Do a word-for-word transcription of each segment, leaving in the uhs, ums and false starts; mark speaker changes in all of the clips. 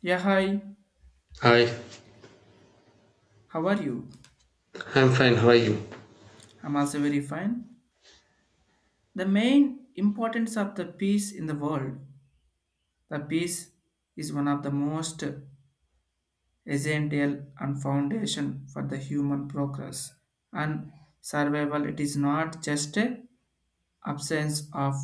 Speaker 1: Yeah, hi.
Speaker 2: Hi,
Speaker 1: How are you?
Speaker 2: I'm fine. How are you?
Speaker 1: I'm also very fine. The main importance of the peace in the world, the peace is one of the most essential and foundation for the human progress and survival. It is not just a absence of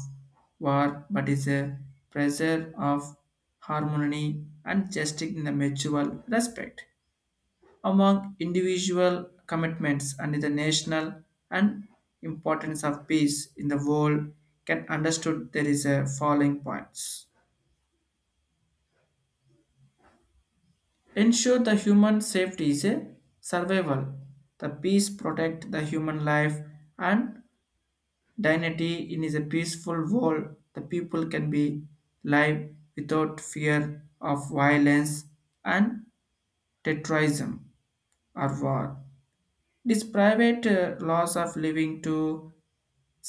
Speaker 1: war, but is a pressure of harmony and justice in the mutual respect. Among individual commitments and the national and importance of peace in the world can understood there is a following points. Ensure the human safety is a survival, the peace protect the human life and dignity in is a peaceful world. The people can be live without fear of violence and terrorism or war. This private uh, laws of living to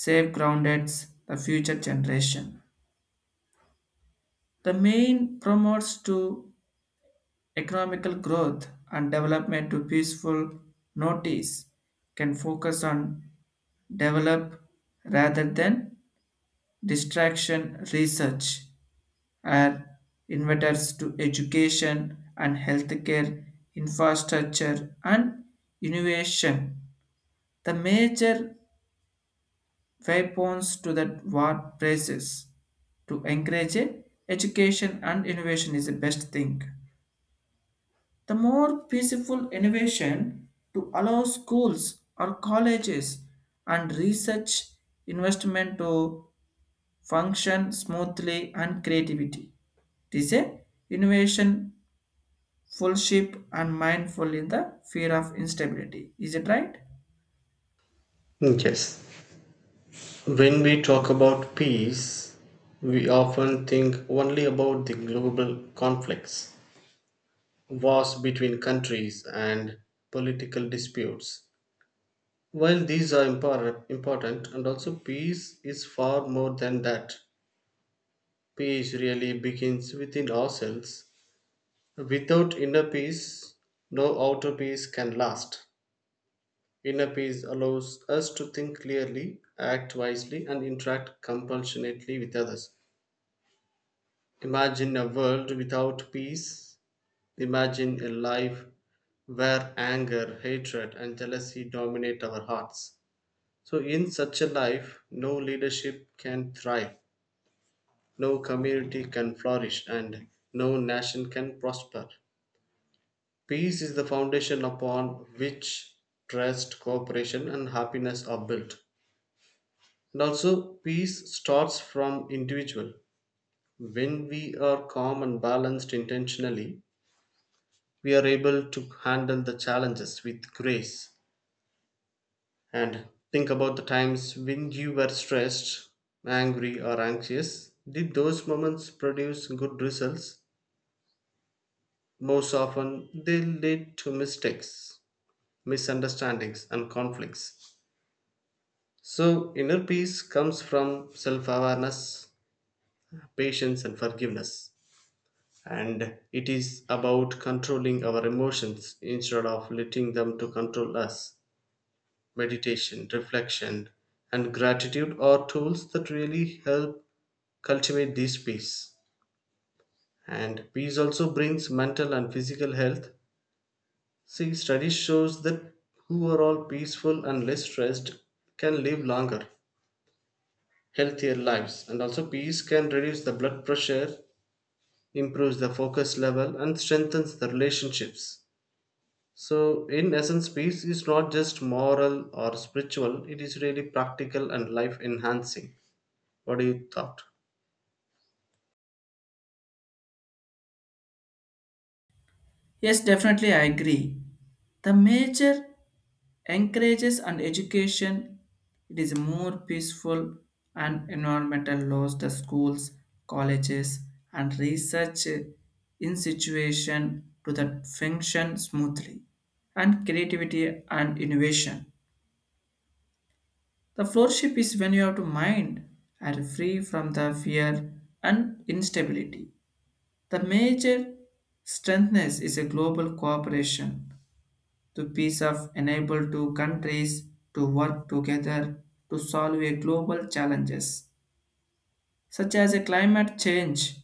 Speaker 1: save groundeds the future generation. The main promotes to economical growth and development to peaceful notice can focus on develop rather than distraction research are inventors to education and healthcare infrastructure and innovation. The major weapons to that war praises to encourage education and innovation is the best thing. The more peaceful innovation to allow schools or colleges and research investment to function smoothly and creativity. It is a innovation fullship and mindful in the fear of instability. Is it right?
Speaker 2: Yes. When we talk about peace, we often think only about the global conflicts, wars between countries, and political disputes. While these are impor- important, and also peace is far more than that. Peace really begins within ourselves. Without inner peace, no outer peace can last. Inner peace allows us to think clearly, act wisely, and interact compassionately with others. Imagine a world without peace. Imagine a life where anger, hatred, and jealousy dominate our hearts. So, in such a life, no leadership can thrive, no community can flourish, and no nation can prosper. Peace is the foundation upon which trust, cooperation, and happiness are built. And also, peace starts from individual. When we are calm and balanced intentionally, we are able to handle the challenges with grace. And think about the times when you were stressed, angry, or anxious. Did those moments produce good results? Most often, they lead to mistakes, misunderstandings, and conflicts. So, inner peace comes from self awareness, patience, and forgiveness. And it is about controlling our emotions instead of letting them to control us. Meditation, reflection, and gratitude are tools that really help cultivate this peace. And peace also brings mental and physical health. See, study shows that who are all peaceful and less stressed can live longer, healthier lives. And also peace can reduce the blood pressure, improves the focus level, and strengthens the relationships. So, in essence, peace is not just moral or spiritual, it is really practical and life enhancing. What do you thought?
Speaker 1: Yes, definitely I agree. The major encourages and education, it is more peaceful and environmental laws the schools, colleges and research institution to that function smoothly and creativity and innovation. The floorship is when you have to mind are free from the fear and instability. The major strengthness is a global cooperation. The peace of enable two countries to work together to solve a global challenges such as a climate change,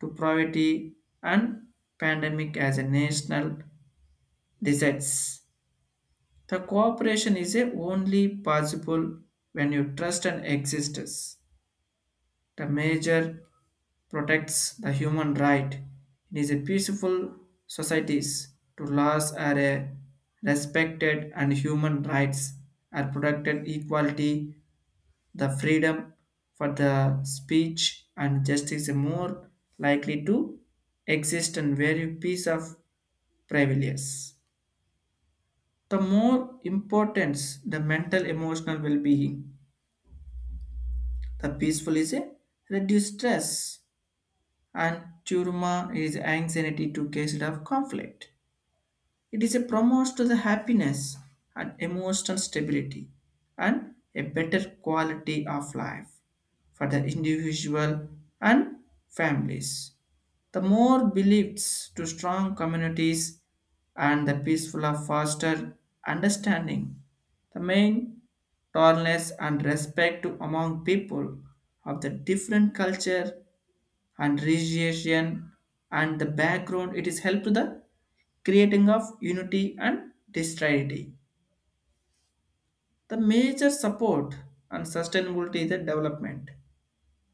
Speaker 1: to poverty and pandemic as a national disease. The cooperation is a only possible when you trust and existence. The major protects the human right, it is a peaceful societies to laws are a respected and human rights are protected equality. The freedom for the speech and justice are more likely to exist and very peace of prevails. The more importance the mental emotional well-being, the peaceful is a reduced stress and Churma is anxiety to cases of conflict. It is a promotes to the happiness and emotional stability and a better quality of life for the individual and families. The more beliefs to strong communities and the peaceful of foster understanding, the main tolerance and respect to among people of the different culture and recreation and the background it is help to the creating of unity and distributivity. The major support and sustainability is the development,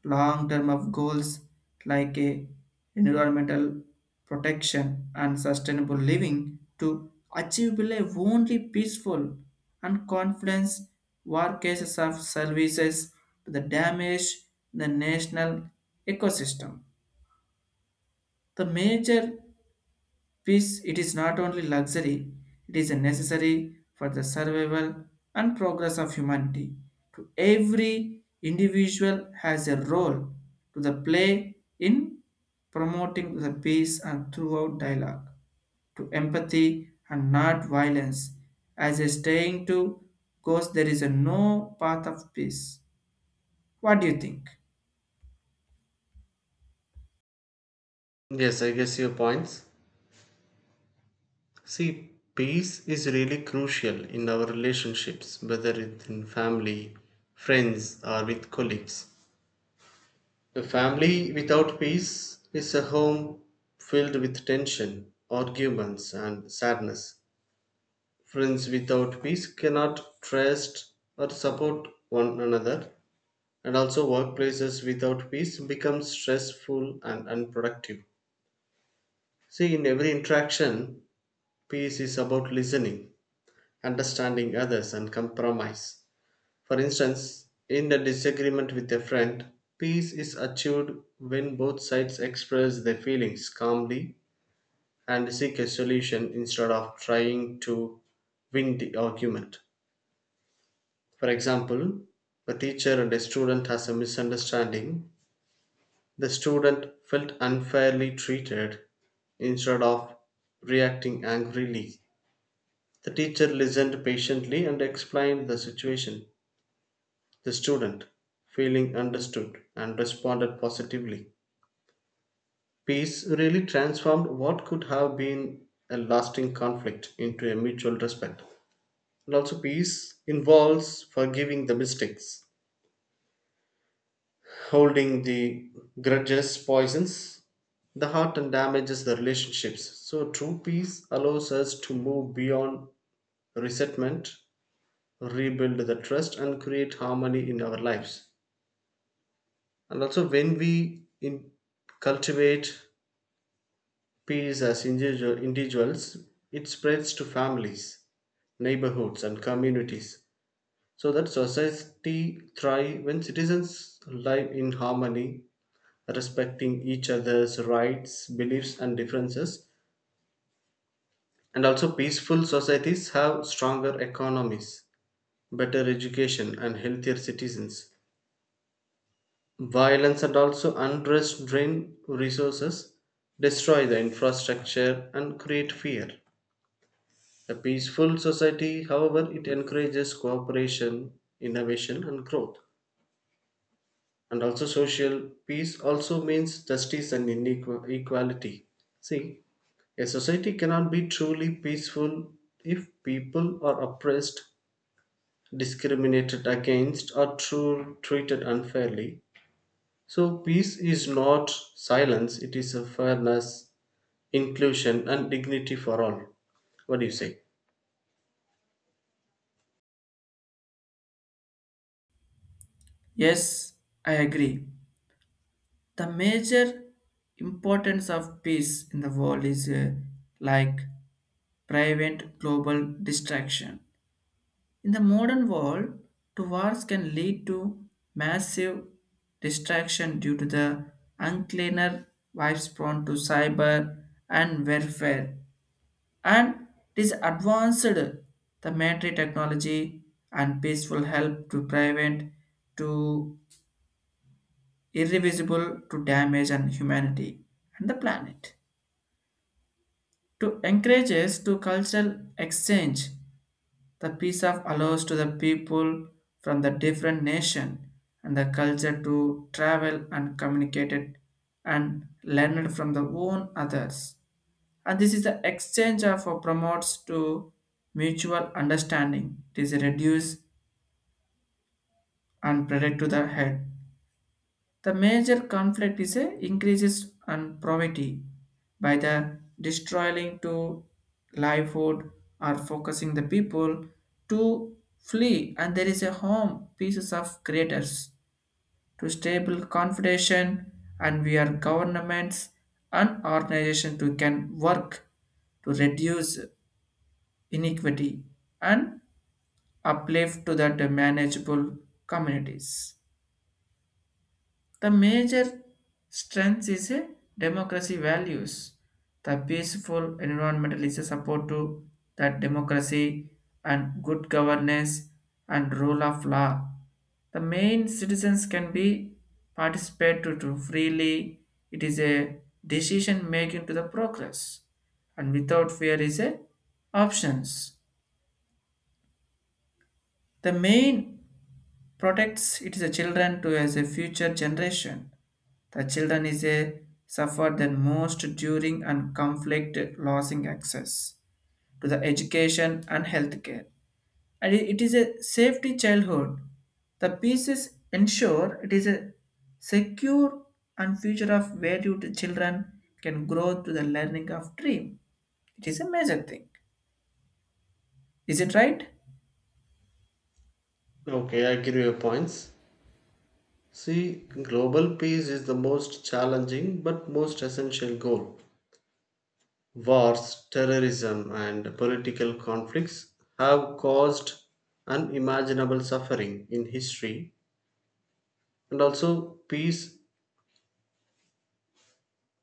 Speaker 1: long term of goals like a environmental protection and sustainable living to achievable a only peaceful and confidence war cases of services to the damage the national ecosystem. The major peace, it is not only luxury, it is necessary for the survival and progress of humanity. To every individual has a role to the play in promoting the peace and throughout dialogue, to empathy and not violence. As a staying to goes, there is a no path of peace. What do you think?
Speaker 2: Yes, I guess your points. See, peace is really crucial in our relationships, whether it's in family, friends, or with colleagues. A family without peace is a home filled with tension, arguments, and sadness. Friends without peace cannot trust or support one another. And also, workplaces without peace become stressful and unproductive. See, in every interaction, peace is about listening, understanding others, and compromise. For instance, in a disagreement with a friend, peace is achieved when both sides express their feelings calmly and seek a solution instead of trying to win the argument. For example, a teacher and a student has a misunderstanding. The student felt unfairly treated; instead of reacting angrily, the teacher listened patiently and explained the situation. The student, feeling understood, and responded positively. Peace really transformed what could have been a lasting conflict into a mutual respect. And also, peace involves forgiving the mistakes. Holding the grudges poisons the heart and damages the relationships. So, true peace allows us to move beyond resentment, rebuild the trust, and create harmony in our lives. And also, when we in, cultivate peace as individual, individuals, it spreads to families, neighborhoods, and communities, so that society thrives when citizens live in harmony, respecting each other's rights, beliefs, and differences. And also, peaceful societies have stronger economies, better education, and healthier citizens. Violence and also unrest drain resources, destroy the infrastructure, and create fear. A peaceful society, however, it encourages cooperation, innovation, and growth. And also, social peace also means justice and inequality. See, a society cannot be truly peaceful if people are oppressed, discriminated against, or tru- treated unfairly. So, peace is not silence, it is a fairness, inclusion, and dignity for all. What do you say?
Speaker 1: Yes, I agree. The major importance of peace in the world is uh, like prevent global distraction. In the modern world, to wars can lead to massive distraction due to the uncleaner wives prone to cyber and warfare. And it is advanced the military technology and peaceful help to prevent to irreversible to damage and humanity and the planet. To encourages to cultural exchange. The piece of allows to the people from the different nation and the culture to travel and communicate it and learn it from the own others. And this is the exchange of uh, promotes to mutual understanding. It is reduced and predict to the head. The major conflict is a increases and poverty by the destroying to livelihood or focusing the people to flee and there is a home pieces of creators to stable confederation and we are governments and organization to can work to reduce inequity and uplift to that manageable communities. The major strength is a democracy values. The peaceful environmental is a support to that democracy and good governance and rule of law. The main citizens can be participate to, to freely. It is a decision making to the progress and without fear is a options. The main protects it is a children to as a future generation. The children is a suffer the most during and conflict losing access to the education and healthcare. And it is a safety childhood. The pieces ensure it is a secure and future of where you the children can grow to the learning of dream. It is a major thing. Is it right?
Speaker 2: Okay, I agree with your points. See, global peace is the most challenging but most essential goal. Wars, terrorism, and political conflicts have caused unimaginable suffering in history, and also peace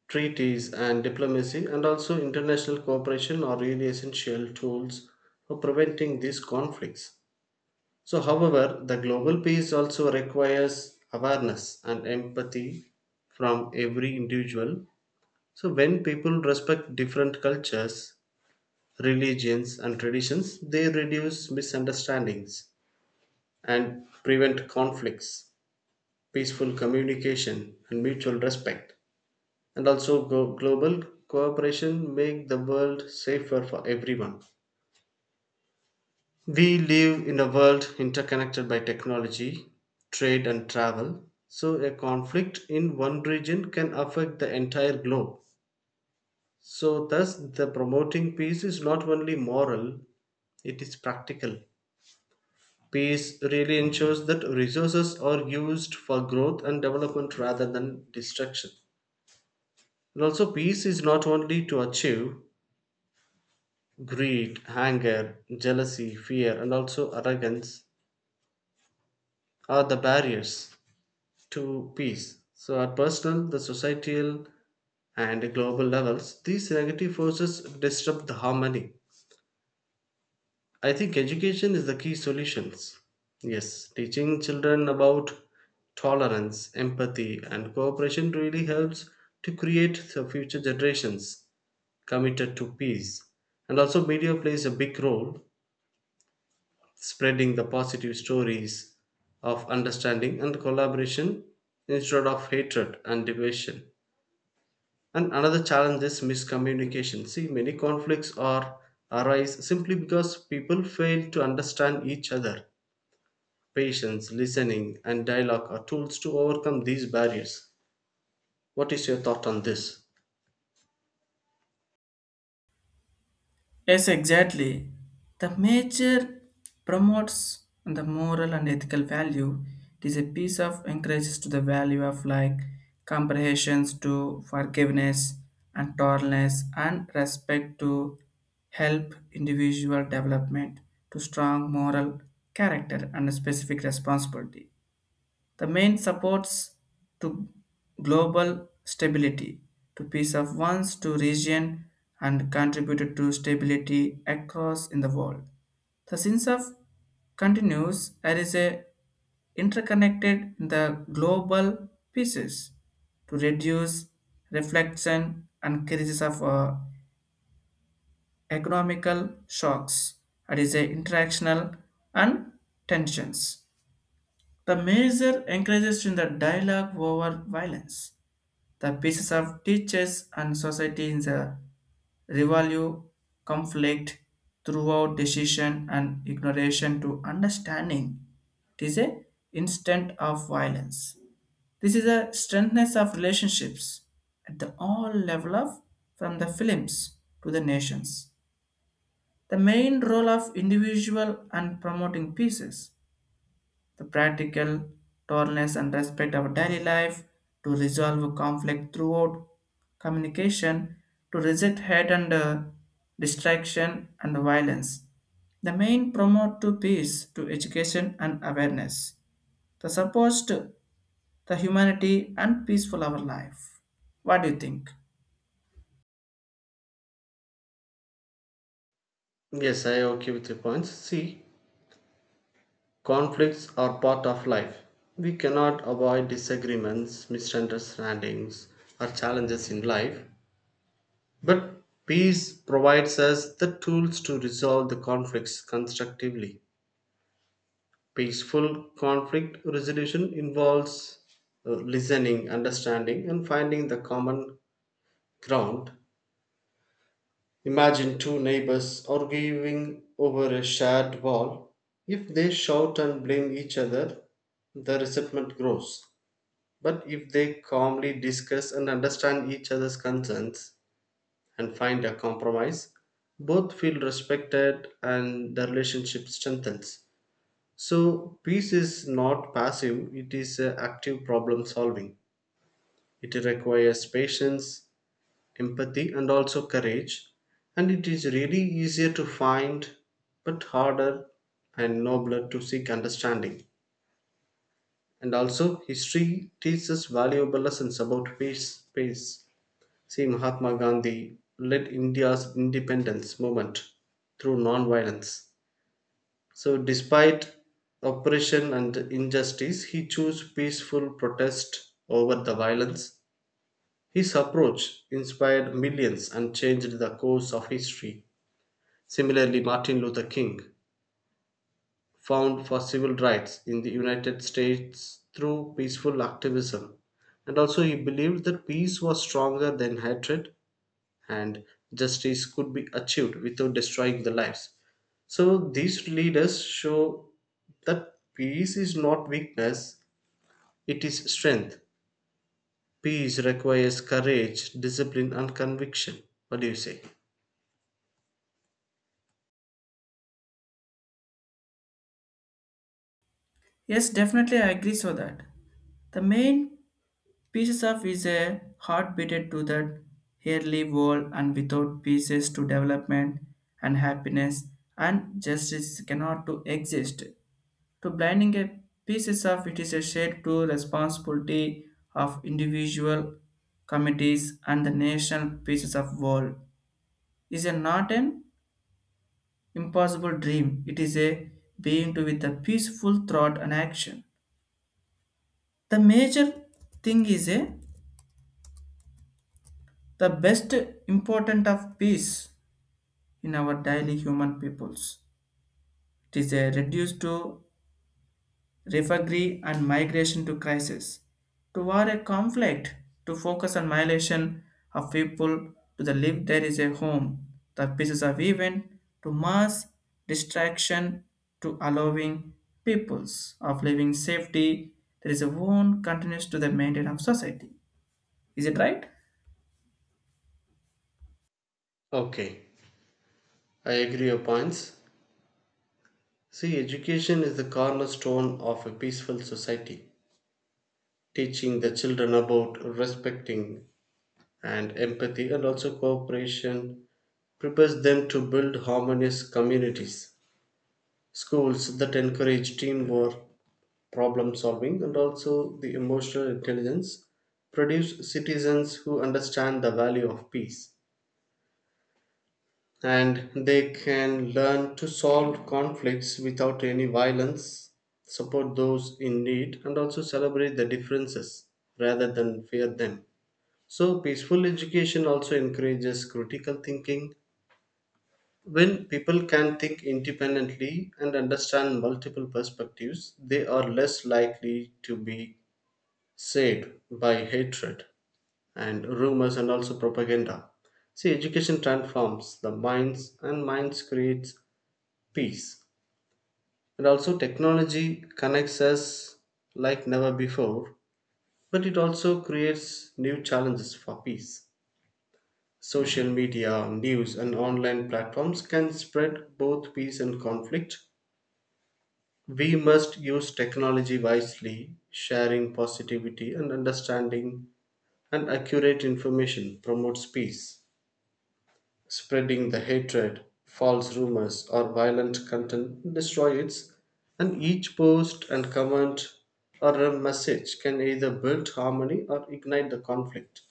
Speaker 2: treaties and diplomacy, and also international cooperation are really essential tools for preventing these conflicts. So, however, the global peace also requires awareness and empathy from every individual. So, when people respect different cultures, religions, and traditions, they reduce misunderstandings and prevent conflicts. Peaceful communication and mutual respect, and also go- global cooperation make the world safer for everyone. We live in a world interconnected by technology, trade, and travel, so a conflict in one region can affect the entire globe. So thus, the promoting peace is not only moral, it is practical. Peace really ensures that resources are used for growth and development rather than destruction. And also, peace is not only to achieve. Greed, anger, jealousy, fear, and also arrogance are the barriers to peace. So, at personal, the societal, and global levels, these negative forces disrupt the harmony. I think education is the key solutions. Yes, teaching children about tolerance, empathy, and cooperation really helps to create the future generations committed to peace. And also, media plays a big role spreading the positive stories of understanding and collaboration instead of hatred and division. And another challenge is miscommunication. See, many conflicts are arise simply because people fail to understand each other. Patience, listening, and dialogue are tools to overcome these barriers. What is your thought on this?
Speaker 1: Yes, exactly. The major promotes the moral and ethical value. It is a piece of encourages to the value of like comprehensions to forgiveness and tolerance and respect to help individual development to strong moral character and a specific responsibility. The main supports to global stability, to peace of ones, to region, and contributed to stability across in the world. The sense of continues there is a interconnected in the global pieces to reduce reflection and crisis of uh, economical shocks. That is a interactional and tensions. The measure encourages in the dialogue over violence. The pieces of teachers and society in the revalue conflict throughout decision and ignoration to understanding. It is a instant of violence. This is a strengthness of relationships at the all level of from the films to the nations. The main role of individual and promoting pieces the practical tolerance and respect our daily life to resolve conflict throughout communication to reject hate and uh, distraction and violence. The main promote to peace to education and awareness, the supports to the humanity and peaceful our life. What do you think?
Speaker 2: Yes, I am okay with your points. See, conflicts are part of life. We cannot avoid disagreements, misunderstandings, or challenges in life. But peace provides us the tools to resolve the conflicts constructively. Peaceful conflict resolution involves uh, listening, understanding, and finding the common ground. Imagine two neighbors arguing over a shared wall. If they shout and blame each other, the resentment grows. But if they calmly discuss and understand each other's concerns and find a compromise, both feel respected and the relationship strengthens. So, peace is not passive, it is uh, active problem solving. It requires patience, empathy, and also courage. And it is really easier to find, but harder and nobler to seek understanding. And also, history teaches valuable lessons about peace peace See, Mahatma Gandhi led India's independence movement through non-violence. So, despite oppression and injustice, he chose peaceful protest over the violence. His approach inspired millions and changed the course of history. Similarly, Martin Luther King fought for civil rights in the United States through peaceful activism, and also he believed that peace was stronger than hatred, and justice could be achieved without destroying the lives. So, these leaders show that peace is not weakness, it is strength. Peace requires courage, discipline, and conviction. What do you say?
Speaker 1: Yes, definitely I agree, so that the main pieces of is a heart beated to that early world and without pieces to development and happiness and justice cannot to exist. To blinding a pieces of it is a shared to responsibility of individual committees and the national pieces of world is a not an impossible dream. It is a being to with a peaceful thought and action. The major thing is a the best important of peace in our daily human peoples. It is a reduced to refugee and migration to crisis, to war a conflict, to focus on migration of people to the live there is a home, the pieces of event, to mass distraction, to allowing peoples of living safety, there is a one continues to the maintenance of society. Is it right?
Speaker 2: Okay, I agree your points. See, education is the cornerstone of a peaceful society. Teaching the children about respecting and empathy and also cooperation prepares them to build harmonious communities. Schools that encourage teamwork, problem solving, and also the emotional intelligence produce citizens who understand the value of peace. And they can learn to solve conflicts without any violence, support those in need, and also celebrate the differences rather than fear them. So, peaceful education also encourages critical thinking. When people can think independently and understand multiple perspectives, they are less likely to be saved by hatred and rumors and also propaganda. See, education transforms the minds, and minds creates peace. And also, technology connects us like never before, but it also creates new challenges for peace. Social media, news, and online platforms can spread both peace and conflict. We must use technology wisely, sharing positivity and understanding, and accurate information promotes peace. Spreading the hatred, false rumors, or violent content destroy it, and each post and comment or a message can either build harmony or ignite the conflict.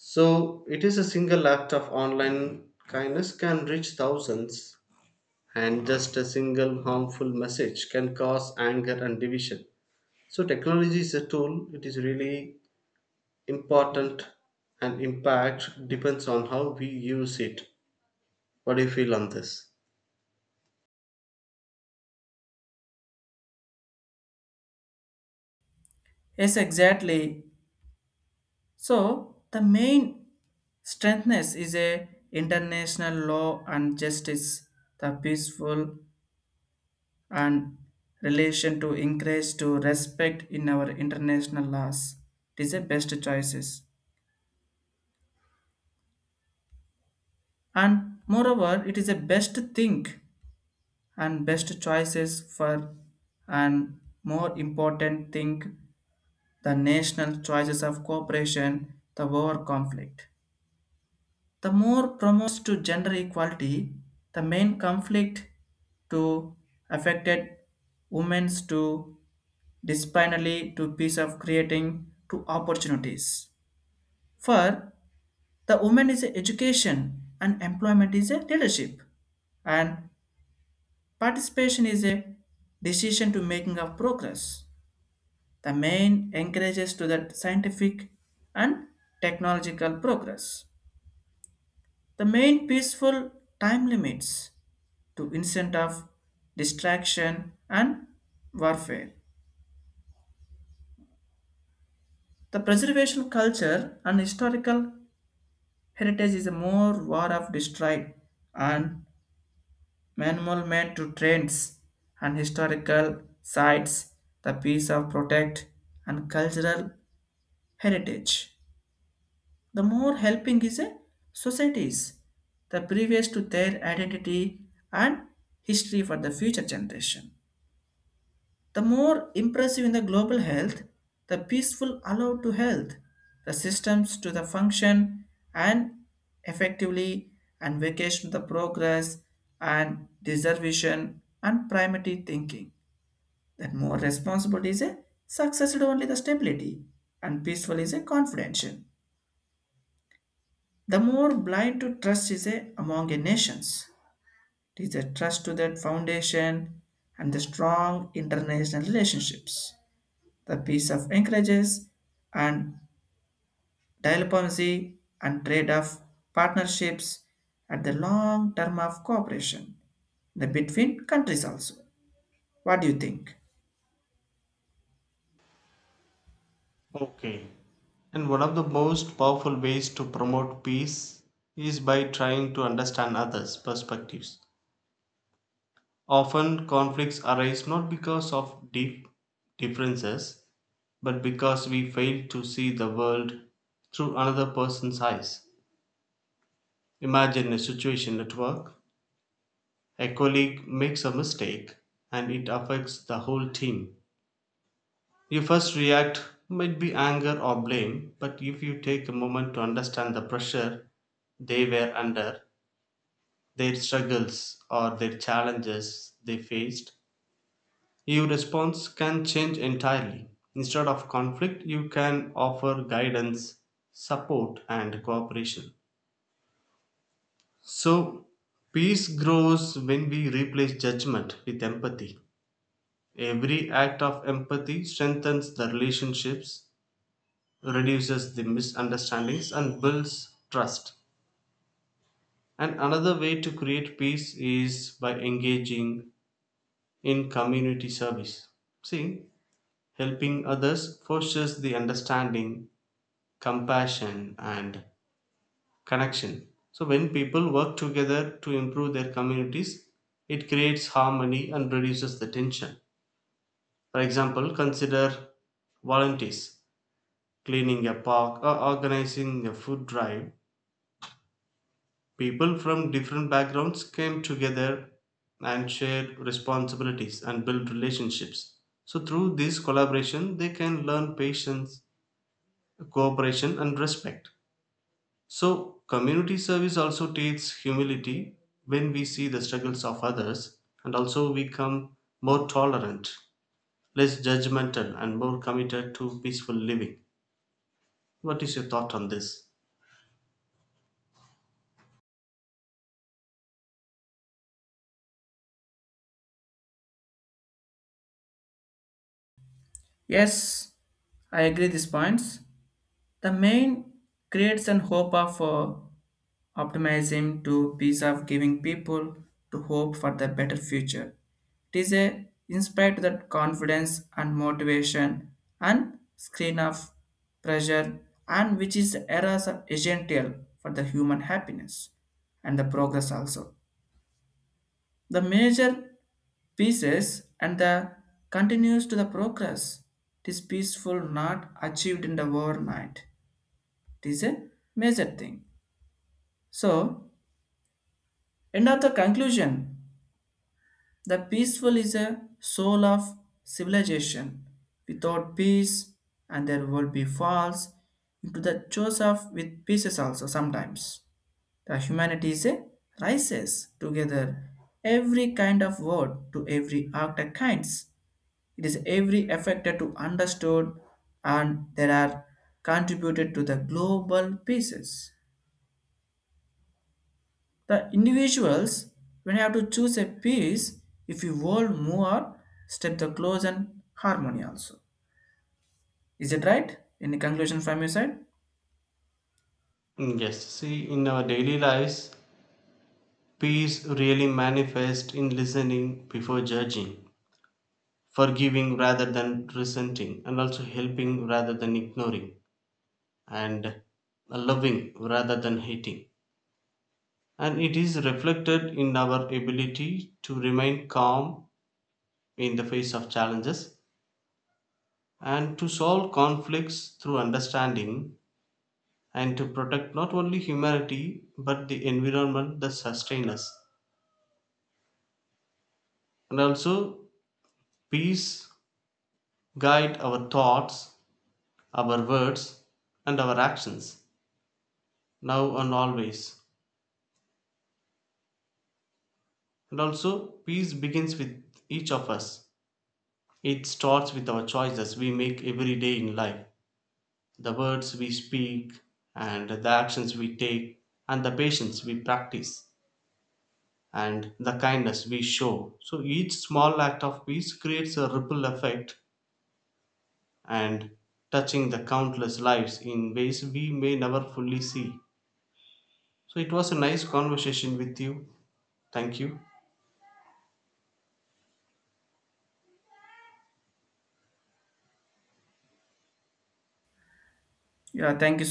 Speaker 2: So, it is a single act of online kindness can reach thousands, and just a single harmful message can cause anger and division. So, technology is a tool, it is really important, and impact depends on how we use it. What do you feel on this?
Speaker 1: Yes, exactly. So the main strengthness is a international law and justice, the peaceful and relation to encourage to respect in our international laws. It is a best choices. And moreover, it is a best think and best choices for and more important think the national choices of cooperation, the war conflict. The more promotes to gender equality, the main conflict to affected women's to disciplinary to piece of creating to opportunities. For the woman is a education and employment is a leadership and participation is a decision to making of progress. The main encourages to the scientific and technological progress. The main peaceful time limits to instant of distraction and warfare. The preservation culture and historical heritage is a more war of destroy and management to trends and historical sites, the piece of protect and cultural heritage. The more helping is a societies, the previous to their identity and history for the future generation. The more impressive in the global health, the peaceful allowed to health, the systems to the function and effectively and vacation the progress and deservation and primary thinking. That more responsible is a success is only the stability and peaceful is a confidential. The more blind to trust is a among a nations. It is a trust to that foundation and the strong international relationships. The peace of encourages and diplomacy and trade of partnerships at the long term of cooperation the between countries also. What do you think?
Speaker 2: Okay. And one of the most powerful ways to promote peace is by trying to understand others' perspectives. Often, conflicts arise not because of deep differences, but because we fail to see the world through another person's eyes. Imagine a situation at work: a colleague makes a mistake, and it affects the whole team. Your first react might be anger or blame, but if you take a moment to understand the pressure they were under, their struggles, or their challenges they faced, your response can change entirely. Instead of conflict, you can offer guidance, support, and cooperation. So, peace grows when we replace judgment with empathy. Every act of empathy strengthens the relationships, reduces the misunderstandings, and builds trust. And another way to create peace is by engaging in community service. See, helping others fosters the understanding, compassion, and connection. So, when people work together to improve their communities, it creates harmony and reduces the tension. For example, consider volunteers cleaning a park or organizing a food drive. People from different backgrounds came together and shared responsibilities and built relationships. So, through this collaboration, they can learn patience, cooperation, and respect. So, community service also teaches humility. When we see the struggles of others, and also we become more tolerant, less judgmental, and more committed to peaceful living. What is your thought on this?
Speaker 1: Yes, I agree these points. The main creates an hope of uh, optimism to piece of giving people to hope for the better future. It is a inspired to that confidence and motivation and screen of pressure and which is the eras of essential for the human happiness and the progress also. The major pieces and the continues to the progress. It is peaceful not achieved in the overnight. It is a major thing. So, end of the conclusion. The peaceful is a soul of civilization. Without peace, and there will be falls into the choice of with pieces also sometimes. The humanity is a rises together every kind of word to every act of kinds. It is every affected to understood and there are contributed to the global pieces. The individuals when you have to choose a piece if you hold more step the close and harmony also. Is it right? Any conclusion from your side?
Speaker 2: Mm, yes, see, in our daily lives, peace really manifests in listening before judging, forgiving rather than resenting, and also helping rather than ignoring, and loving rather than hating. And it is reflected in our ability to remain calm in the face of challenges and to solve conflicts through understanding and to protect not only humanity but the environment that sustains us. And also, peace guide our thoughts, our words, and our actions, now and always. And also, peace begins with each of us. It starts with our choices we make every day in life, the words we speak, and the actions we take, and the patience we practice, and the kindness we show. So, each small act of peace creates a ripple effect and touching the countless lives in ways we may never fully see. So, it was a nice conversation with you. Thank you.
Speaker 1: Yeah, thank you so